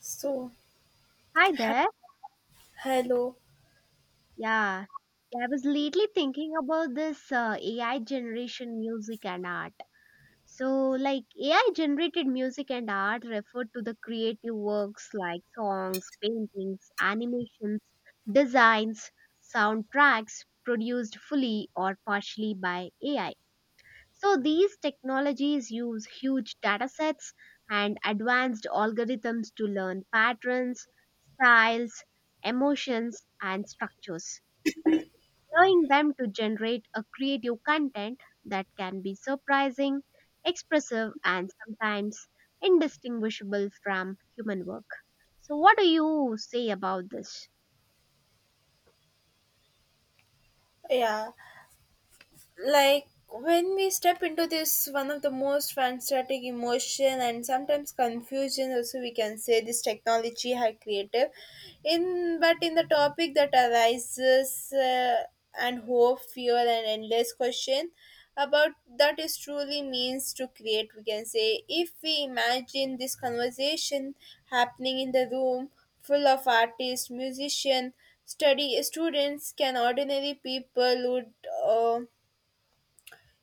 So, Hi ha there. hallo. Yeah, Yeah, I was lately thinking about this AI generation music and art. So, like AI generated music and art refer to the creative works like songs, paintings, animations, designs, soundtracks produced fully or partially by AI. So, these technologies use huge data sets and advanced algorithms to learn patterns, styles, emotions, and structures, allowing them to generate a creative content that can be surprising, expressive, and sometimes indistinguishable from human work. So, what do you say about this? Ja, like when we step into this one of the most fantastic emotion and sometimes confusion also we can say this technology had creative in but in the topic that arises and hope fear and endless question about that is truly means to create we can say. If we imagine this conversation happening in the room full of artists musician study students can ordinary people would uh,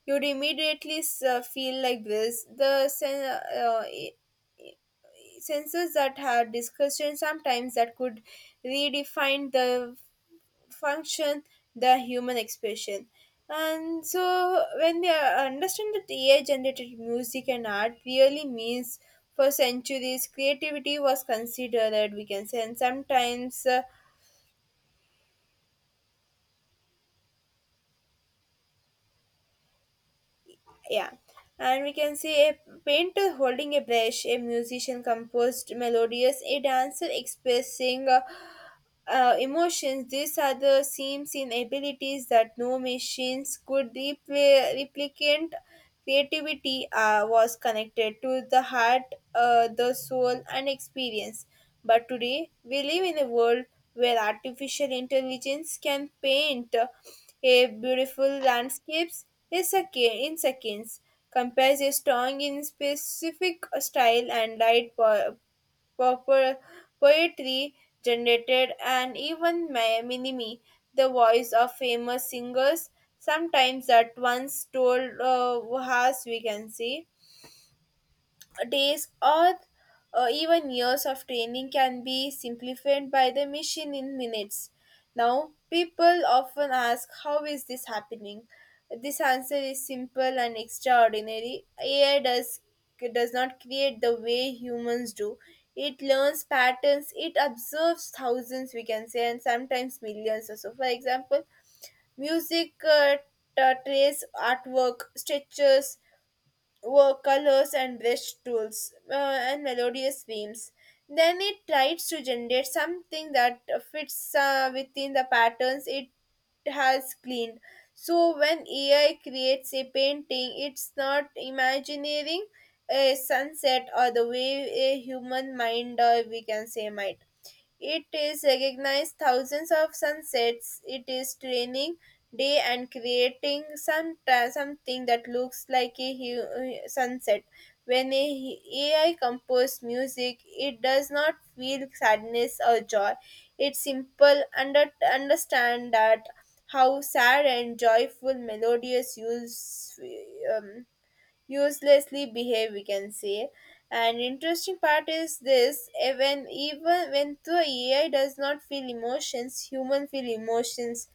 you'd immediately feel like this. The uh, i- sensors that had discussion sometimes that could redefine the function, the human expression. And so, when we understand that AI generated music and art really means for centuries, creativity was considered, we can say, and sometimes. Yeah and we can see a painter holding a brush, a musician composed melodious, a dancer expressing emotions. These are the seams in abilities that no machines could replicate. Creativity was connected to the heart, the soul and experience, but today we live in a world where artificial intelligence can paint a beautiful landscapes in seconds, compares a strong in specific style and light po- poetry generated, and even mimicry the voice of famous singers sometimes at once told. As we can see, days or even years of training can be simplified by the machine in minutes. Now, people often ask, how is this happening? This answer is simple and extraordinary. Does not create the way humans do. It learns patterns, it observes thousands, we can say, and sometimes millions or so. For example, music, trace artwork, stretches, were colors and visuals, and melodious themes. Then it tries to generate something that fits within the patterns it has cleaned. So when AI creates a painting, it's not imagining a sunset or the way a human mind, or we can say, might. It is recognized thousands of sunsets. It is training day and creating something that looks like a sunset. When AI composes music, it does not feel sadness or joy. It's simple understand that how sad and joyful melodious use um, uselessly behave, we can say. And interesting part is this, eh, when even when the AI does not feel emotions, human feel emotions,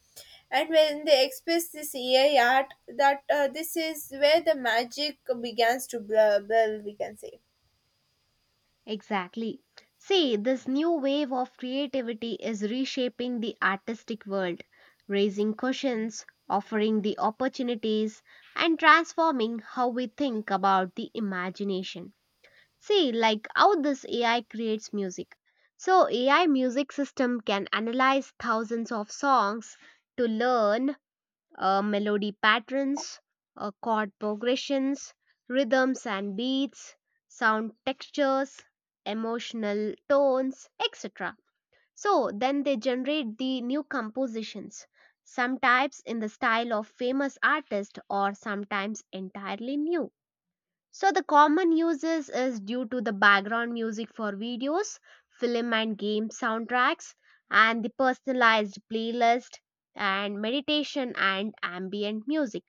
and when they express this AI art, that this is where the magic begins to blur, we can say. Exactly. See, this new wave of creativity is reshaping the artistic world, raising questions, offering the opportunities, and transforming how we think about the imagination. See, like how this AI creates music. So, AI music system can analyze thousands of songs to learn melody patterns, chord progressions, rhythms and beats, sound textures, emotional tones, etc. So, then they generate the new compositions, sometimes in the style of famous artists or sometimes entirely new. So the common uses is due to the background music for videos, film and game soundtracks, and the personalized playlist and meditation and ambient music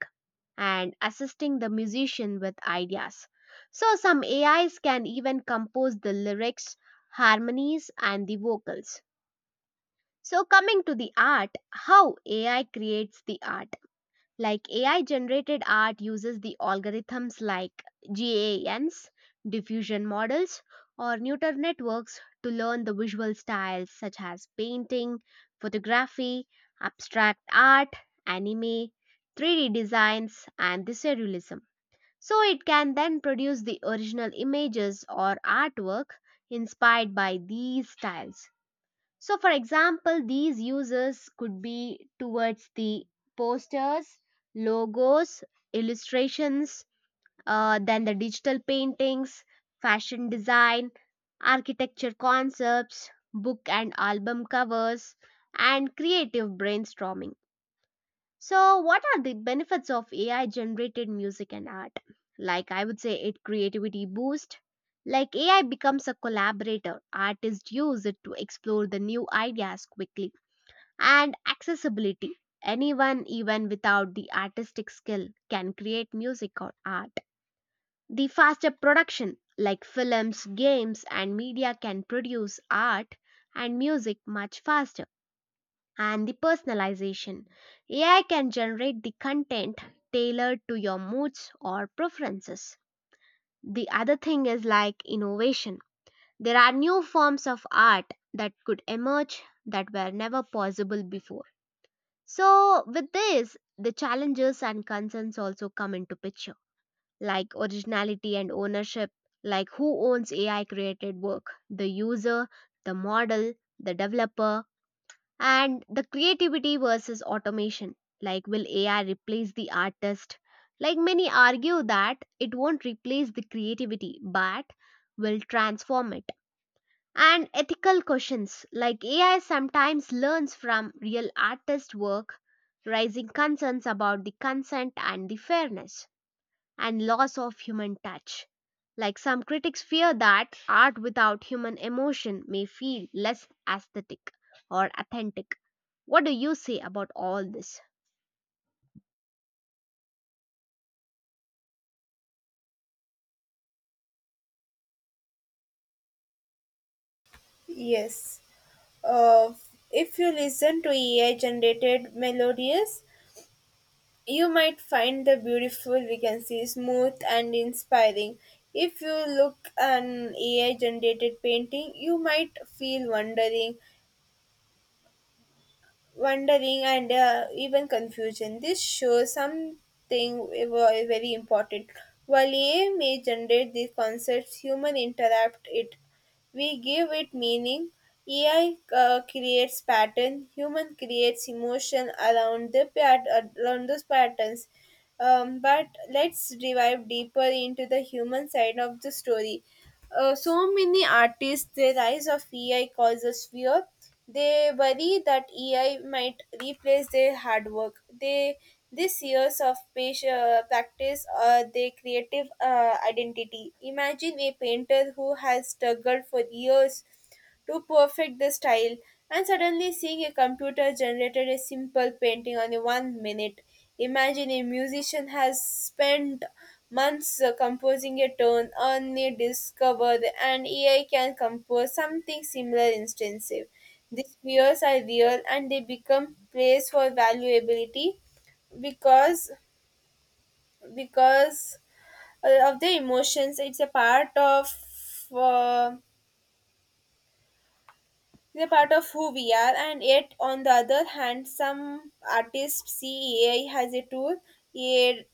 and assisting the musician with ideas. So some AIs can even compose the lyrics, harmonies and the vocals. So coming to the art, how AI creates the art. Like AI generated art uses the algorithms like GANs, diffusion models, or neural networks to learn the visual styles such as painting, photography, abstract art, anime, 3D designs, and the surrealism. So it can then produce the original images or artwork inspired by these styles. So, for example, these uses could be towards the posters, logos, illustrations, then the digital paintings, fashion design, architecture concepts, book and album covers, and creative brainstorming. So, what are the benefits of AI generated music and art? Like, I would say it creativity boost. Like, AI becomes a collaborator. Artists use it to explore the new ideas quickly. And accessibility. Anyone, even without the artistic skill, can create music or art. The faster production, like films, games, and media, can produce art and music much faster and the personalization. AI can generate the content tailored to your moods or preferences. The other thing is like innovation. There are new forms of art that could emerge that were never possible before. So, with this, the challenges and concerns also come into picture, like originality and ownership, like who owns AI created work, the user, the model, the developer, and the creativity versus automation, like will AI replace the artist, like many argue that it won't replace the creativity but will transform it, and ethical questions like AI sometimes learns from real artist work, raising concerns about the consent and the fairness and loss of human touch. Like some critics fear that art without human emotion may feel less aesthetic or authentic. What do you say about all this? Yes, uh, if you listen to AI generated melodies, you might find the beautiful vacancy smooth and inspiring. If you look an AI generated painting, you might feel wondering and even confusion. This shows something ve- very important. While AI may generate these concepts, human interrupt it. We give it meaning. AI creates pattern. Human creates emotion around the around those patterns. But let's dive deeper into the human side of the story. So many artists, the rise of AI causes fear. They worry that AI might replace their hard work. They this years of patient, practice, their creative identity. Imagine a painter who has struggled for years to perfect the style, and suddenly seeing a computer generated a simple painting on a 1 minute. Imagine a musician has spent months composing a tone, only discovered an AI can compose something similar instantive. These fears are real and they become place for valuability because because of the emotions. It's a part of uh, they're part of who we are, and yet, on the other hand, some artists see AI as a tool, a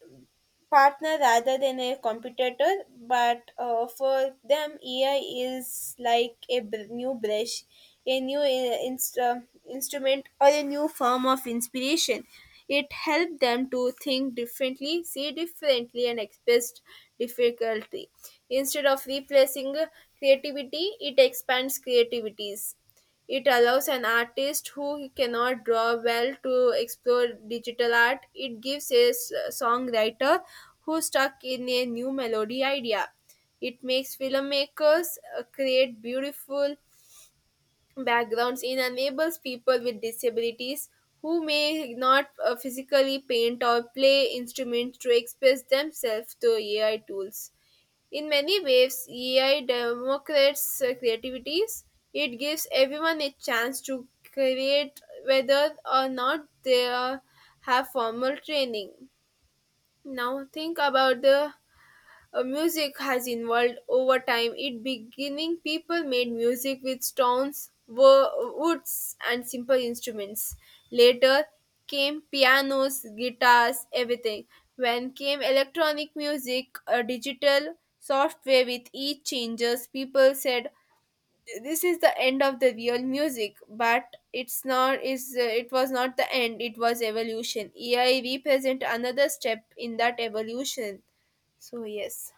partner rather than a competitor. But For them, AI is like a new brush, a new instrument, or a new form of inspiration. It helped them to think differently, see differently, and express difficulty. Instead of replacing creativity, it expands creativities. It allows an artist who cannot draw well to explore digital art. It gives a songwriter who's stuck in a new melody idea. It makes filmmakers create beautiful backgrounds. It enables people with disabilities who may not physically paint or play instruments to express themselves through AI tools. In many ways, E.I. democrates creativities. It gives everyone a chance to create whether or not they have formal training. Now think about the music has evolved over time. It beginning people made music with stones, woods, and simple instruments. Later came pianos, guitars, everything. When came electronic music, a digital software with each changes, people said this is the end of the real music, but it's not is it was not the end, it was evolution. AI represent another step in that evolution, so yes.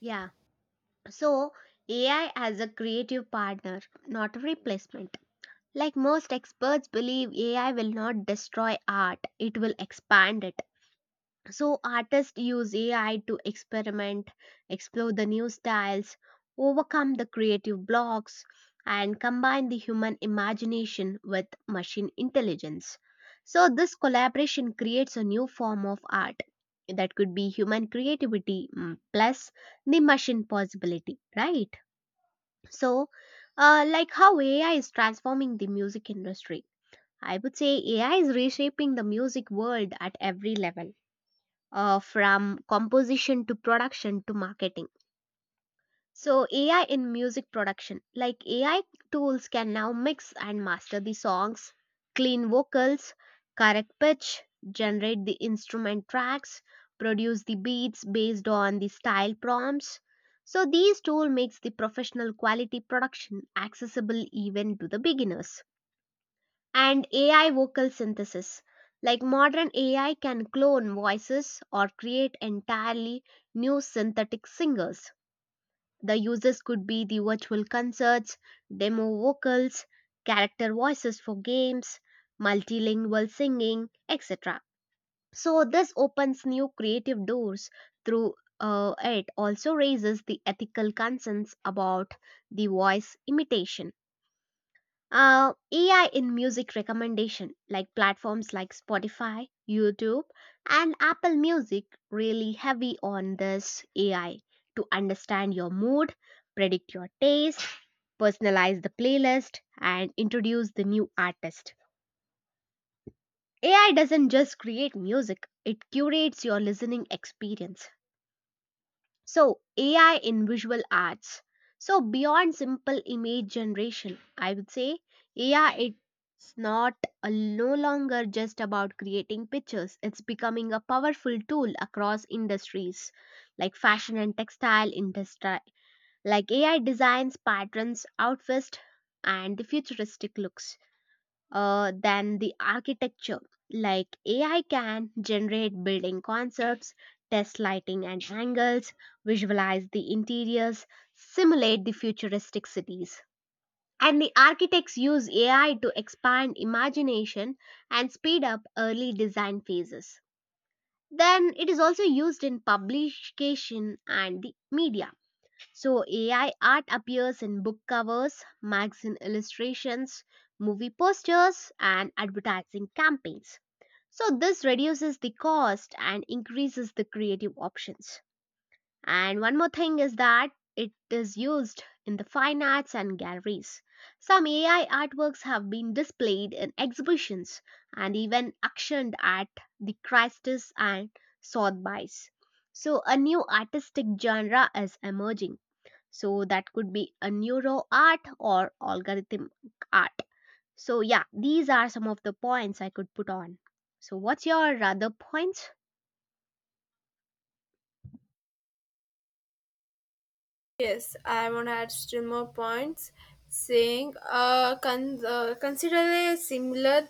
Yeah, so AI as a creative partner, not a replacement. Like most experts believe, AI will not destroy art, it will expand it. So artists use AI to experiment, explore the new styles, overcome the creative blocks, and combine the human imagination with machine intelligence. So this collaboration creates a new form of art that could be human creativity plus the machine possibility, right? So, like how AI is transforming the music industry. I would say AI is reshaping the music world at every level from composition to production to marketing. So, AI in music production like AI tools can now mix and master the songs, clean vocals, correct pitch, generate the instrument tracks, produce the beats based on the style prompts. So, these tool makes the professional quality production accessible even to the beginners and AI vocal synthesis. Like modern AI can clone voices or create entirely new synthetic singers. The uses could be the virtual concerts, demo vocals, character voices for games, multilingual singing, etc. So, this opens new creative doors through it also raises the ethical concerns about the voice imitation. AI in music recommendation, like platforms like Spotify, YouTube, and Apple Music, really heavy on this AI to understand your mood, predict your taste, personalize the playlist, and introduce the new artist. AI doesn't just create music, it curates your listening experience. So, AI in visual arts. So, beyond simple image generation, I would say AI it's not a, no longer just about creating pictures. It's becoming a powerful tool across industries like fashion and textile industry. Like AI designs patterns, outfits, and the futuristic looks, than the architecture. Like AI can generate building concepts, test lighting and angles, visualize the interiors, simulate the futuristic cities. And the architects use AI to expand imagination and speed up early design phases. Then it is also used in publication and the media, so AI art appears in book covers, magazine illustrations, movie posters, and advertising campaigns. So this reduces the cost and increases the creative options. And one more thing is that it is used in the fine arts and galleries. Some AI artworks have been displayed in exhibitions and even auctioned at the Christie's and Sotheby's. So a new artistic genre is emerging. So that could be a neuro art or algorithm art. So yeah, these are some of the points I could put on. So what's your other points? Yes, I want to add still more points saying consider a similar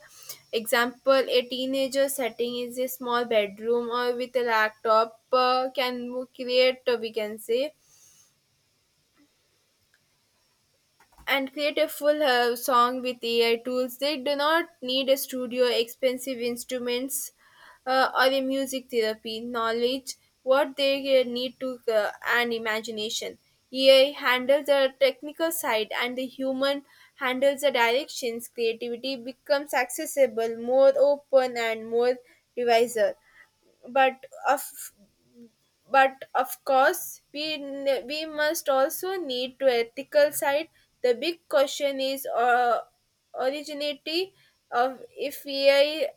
example, a teenager setting is a small bedroom or with a laptop can create, we can say, and creative full song with AI tools. They do not need a studio, expensive instruments, or a music therapy knowledge. What they need to and imagination. AI handles the technical side, and the human handles the directions. Creativity becomes accessible, more open, and more divisive. But of but of course we we must also need to ethical side. The big question is originality of if AI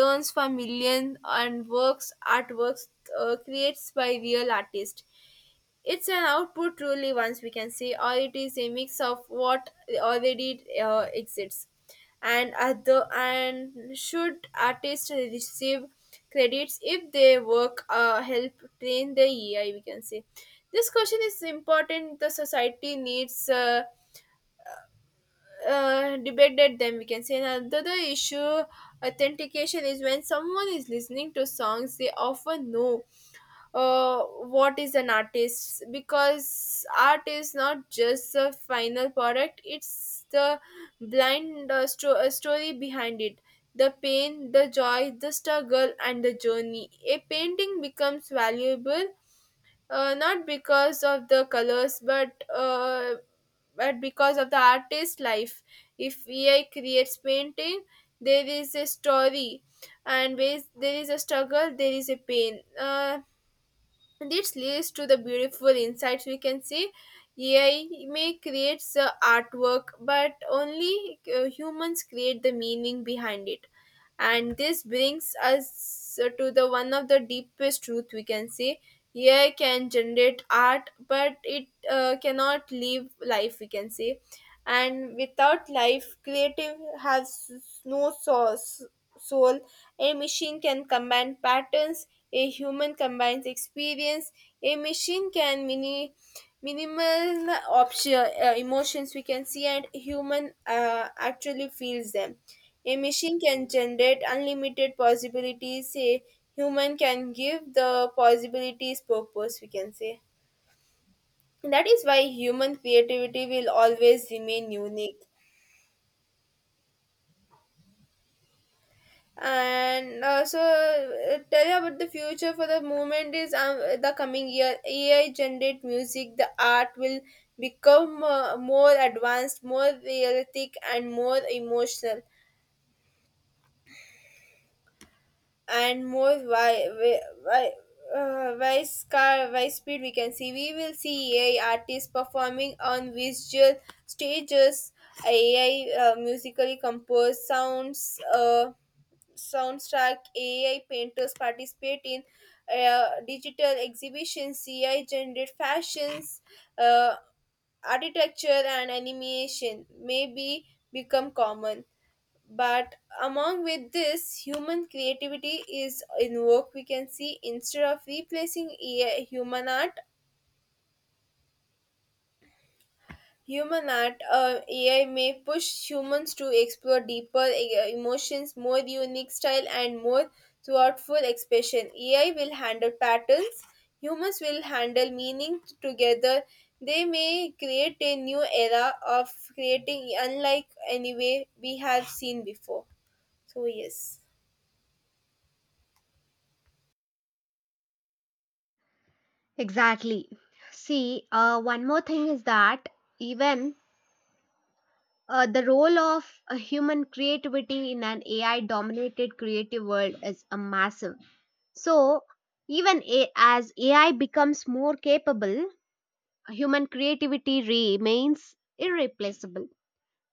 learns from million and works artworks creates by real artists. It's an output truly once we can see, or it is a mix of what already exists. And other, and should artists receive credits if their work help train the AI, we can say. This question is important, the society needs debated them, we can say. Another issue, authentication is when someone is listening to songs, they often know what is an artist, because art is not just the final product, it's the blind story behind it, the pain, the joy, the struggle, and the journey. A painting becomes valuable not because of the colors, but because of the artist's life. If AI creates painting, there is a story, and where there is a struggle there is a pain. This leads to the beautiful insights, we can see. AI may create the artwork, but only humans create the meaning behind it. And this brings us to the one of the deepest truth, we can say. AI can generate art, but it cannot live life, we can say. And without life creative has no source, soul. A machine can combine patterns, a human combines experience. A machine can minimal option emotions we can see, and human actually feels them. A machine can generate unlimited possibilities, a human can give the possibilities purpose, we can say. That is why human creativity will always remain unique. And tell you about the future for the moment is, the coming year AI generate music the art will become more advanced, more realistic, and more emotional, and more wide wide wide scar wide speed, we can see. We will see AI artists performing on visual stages, AI musically composed sounds, soundtrack, AI painters participate in digital exhibitions, AI generated fashions, uh, architecture and animation may be become common. But among with this, human creativity is invoked, we can see. instead of replacing AI, human art Human art, AI may push humans to explore deeper emotions, more unique style, and more thoughtful expression. AI will handle patterns, humans will handle meaning together. They may create a new era of creating, unlike any way we have seen before. So, yes. Exactly. See, one more thing is that even the role of a human creativity in an AI dominated creative world is a massive. So, even as AI becomes more capable, human creativity remains irreplaceable.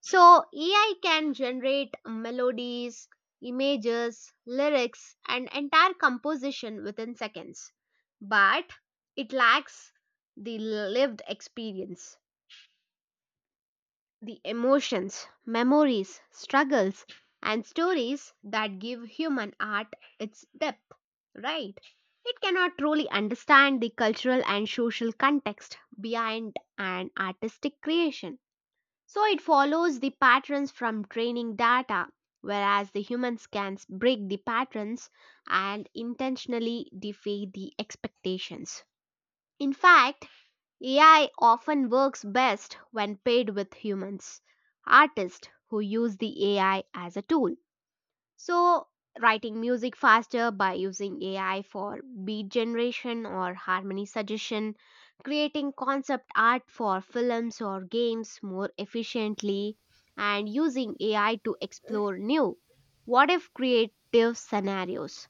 So AI can generate melodies, images, lyrics, and entire composition within seconds. But it lacks the lived experience, the emotions, memories, struggles, and stories that give human art its depth, right? It cannot truly understand the cultural and social context behind an artistic creation. So it follows the patterns from training data, whereas the human scans break the patterns and intentionally defy the expectations. In fact, AI often works best when paired with humans, artists who use the AI as a tool. So, writing music faster by using AI for beat generation or harmony suggestion, creating concept art for films or games more efficiently, and using AI to explore new what if creative scenarios.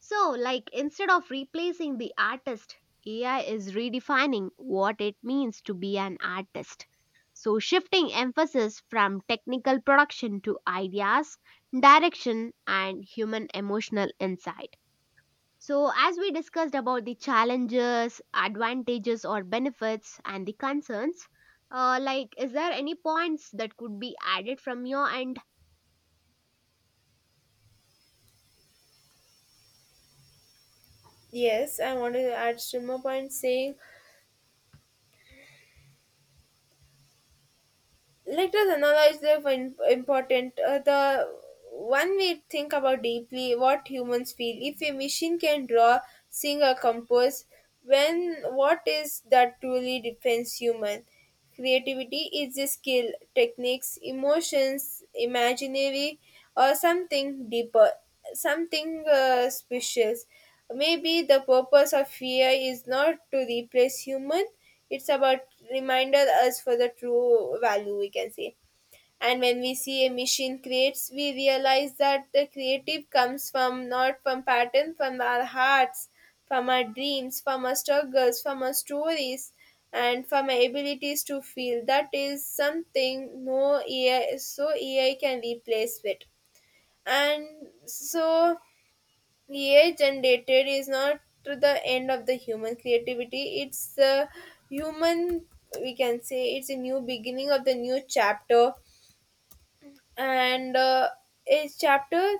So, like instead of replacing the artist, AI is redefining what it means to be an artist. So, shifting emphasis from technical production to ideas, direction, and human emotional insight. So, as we discussed about the challenges, advantages, or benefits, and the concerns, like, is there any points that could be added from your end? Yes, I want to add still more points saying let us analyze the important, the one we think about deeply what humans feel. If a machine can draw, sing or compose, when what is that truly defines human? Creativity is a skill, techniques, emotions, imaginary, or something deeper, something special. Maybe the purpose of fear is not to replace human, it's about reminder us for the true value, we can say. And when we see a machine creates, we realize that the creative comes from not from pattern, from our hearts, from our dreams, from our struggles, from our stories, and from our abilities to feel. That is something no AI so AI can replace it. And so AI generated is not to the end of the human creativity. It's the human, we can say, it's a new beginning of the new chapter, and a chapter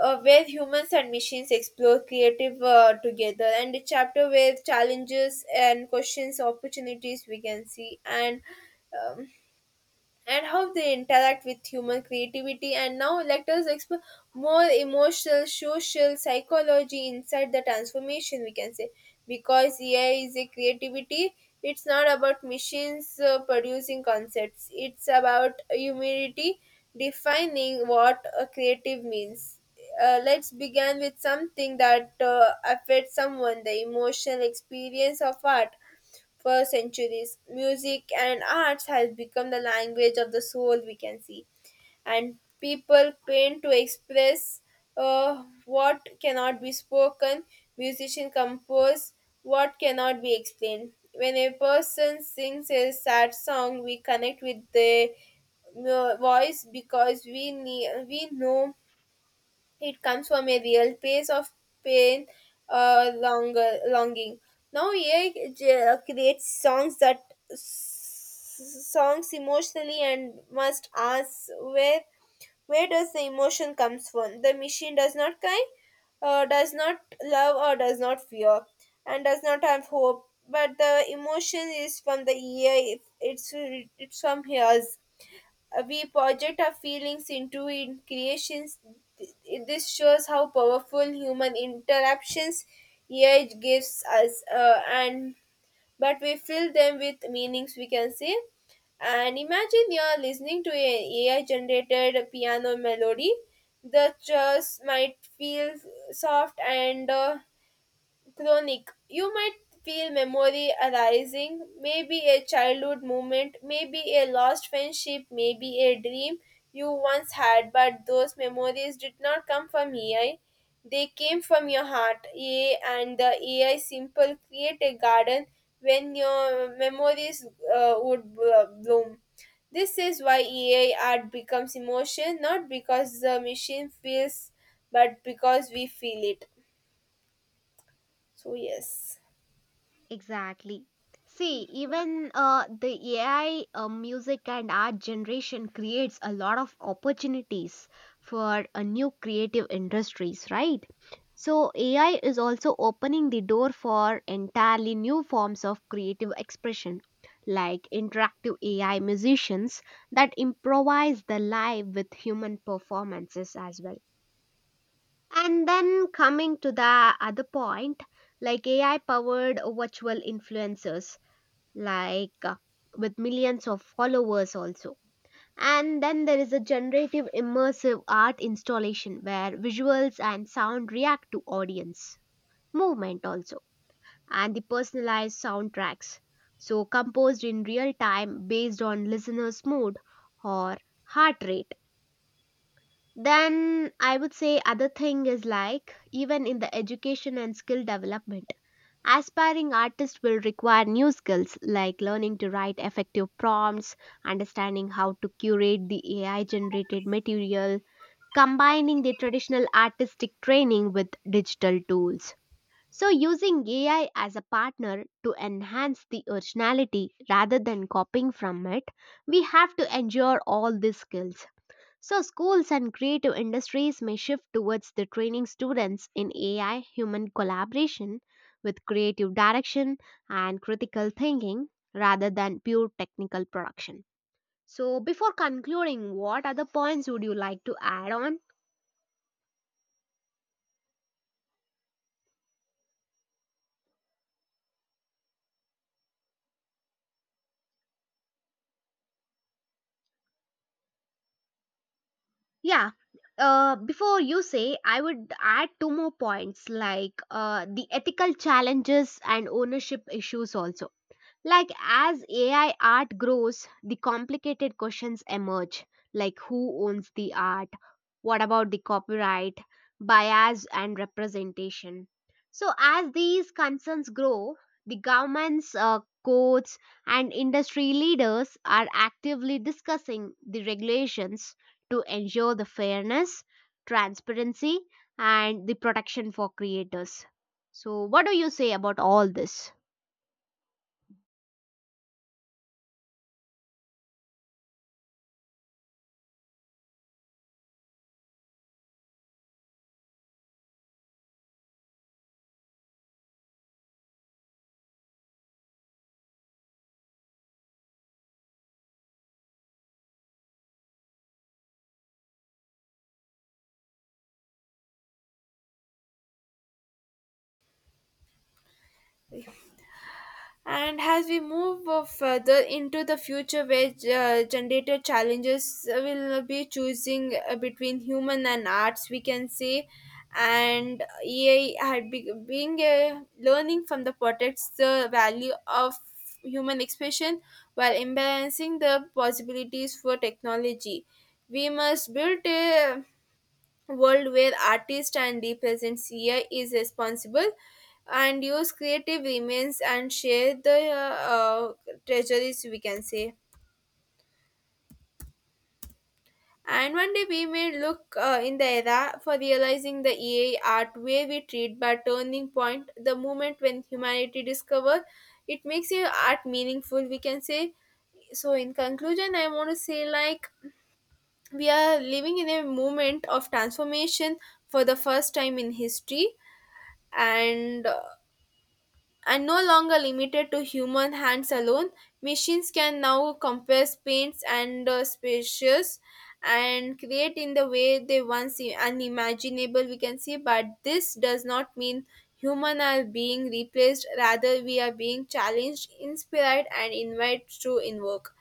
where humans and machines explore creative together, and a chapter with challenges and questions, opportunities we can see, um, and how they interact with human creativity. And now let us explore more emotional, social, psychology inside the transformation, we can say. Because AI is a creativity, it's not about machines producing concepts. It's about humanity defining what a creative means. Let's begin with something that affects someone the emotional experience of art. For centuries, music and arts has become the language of the soul, we can see. And people paint to express what cannot be spoken. Musicians compose what cannot be explained. When a person sings a sad song, we connect with the voice because we know it comes from a real place of pain or longer longing. Now AI creates songs that s- songs emotionally and must ask where does the emotion comes from. The machine does not cry, does not love or does not fear, and does not have hope. But the emotion is from the AI. It's from hers. We project our feelings into in creations. This shows how powerful human interactions AI gives us, and but we fill them with meanings, we can say, and imagine you're listening to an AI generated piano melody. The chords might feel soft and Chronic. You might feel memory arising, maybe a childhood moment, maybe a lost friendship, maybe a dream you once had, but those memories did not come from AI. They came from your heart. AI and the AI simple create a garden when your memories would bloom. This is why AI art becomes emotion, not because the machine feels, but because we feel it. So, yes. Exactly. See, even the AI music and art generation creates a lot of opportunities for new creative industries, right? So, AI is also opening the door for entirely new forms of creative expression, like interactive AI musicians that improvise the live with human performances as well. And then coming to the other point, like AI powered virtual influencers, like with millions of followers also. And then there is a generative immersive art installation where visuals and sound react to audience movement also, and the personalized soundtracks. So composed in real time based on listener's mood or heart rate, then I would say other thing is like even in the education and skill development, aspiring artists will require new skills like learning to write effective prompts, understanding how to curate the AI generated material, combining the traditional artistic training with digital tools. So using AI as a partner to enhance the originality rather than copying from it, we have to endure all these skills. So, schools and creative industries may shift towards the training students in AI human collaboration with creative direction and critical thinking rather than pure technical production. So, before concluding, what other points would you like to add on? Yeah, before you say, I would add two more points like the ethical challenges and ownership issues also. Like as AI art grows, the complicated questions emerge, like who owns the art, what about the copyright, bias and representation. So as these concerns grow, the governments, courts and industry leaders are actively discussing the regulations to ensure the fairness, transparency and the protection for creators. So what do you say about all this? And as we move further into the future, where generated challenges will be choosing between human and arts, we can say, and AI being a learning from the protects the value of human expression while imbalancing the possibilities for technology. We must build a world where artist and representative is responsible and use creative remains and share the treasuries, we can say, and one day we may look in the era for realizing the EA art way we treat but turning point the moment when humanity discover it makes your art meaningful, we can say. So in conclusion, I want to say like we are living in a moment of transformation for the first time in history and uh, and no longer limited to human hands alone. Machines can now compress paints and spaces and create in the way they once unimaginable, we can say. But this does not mean human are being replaced, rather we are being challenged, inspired and invited to invoke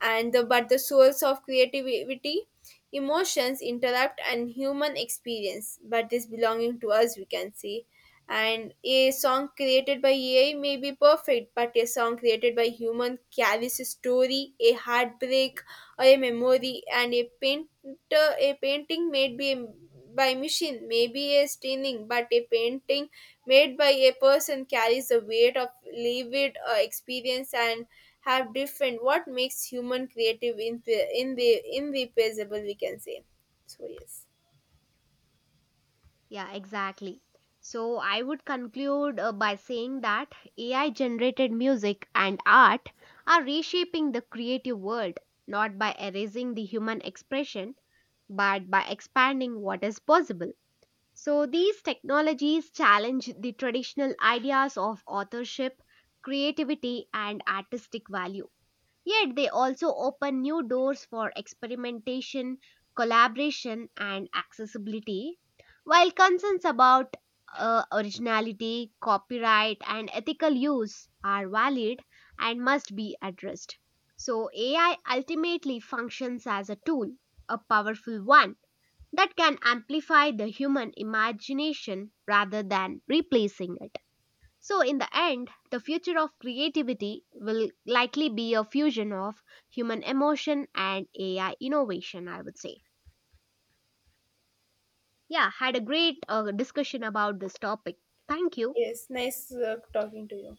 and the, but the source of creativity emotions interrupt and human experience but this belonging to us, we can say. And a song created by AI may be perfect, but a song created by human carries a story, a heartbreak, or a memory, and a painter, a painting made by machine may be a stunning, but a painting made by a person carries the weight of lived experience and have different what makes human creative in the irreplaceable, we can say. So yes, Yeah, exactly. So I would conclude by saying that AI generated music and art are reshaping the creative world not by erasing the human expression but by expanding what is possible. So these technologies challenge the traditional ideas of authorship, creativity and artistic value. Yet they also open new doors for experimentation, collaboration, and accessibility, while concerns about originality, copyright, and ethical use are valid and must be addressed. So, AI ultimately functions as a tool, a powerful one that can amplify the human imagination rather than replacing it. So, in the end, the future of creativity will likely be a fusion of human emotion and AI innovation, I would say. Yeah, had a great discussion about this topic. Thank you. yes, nice talking to you.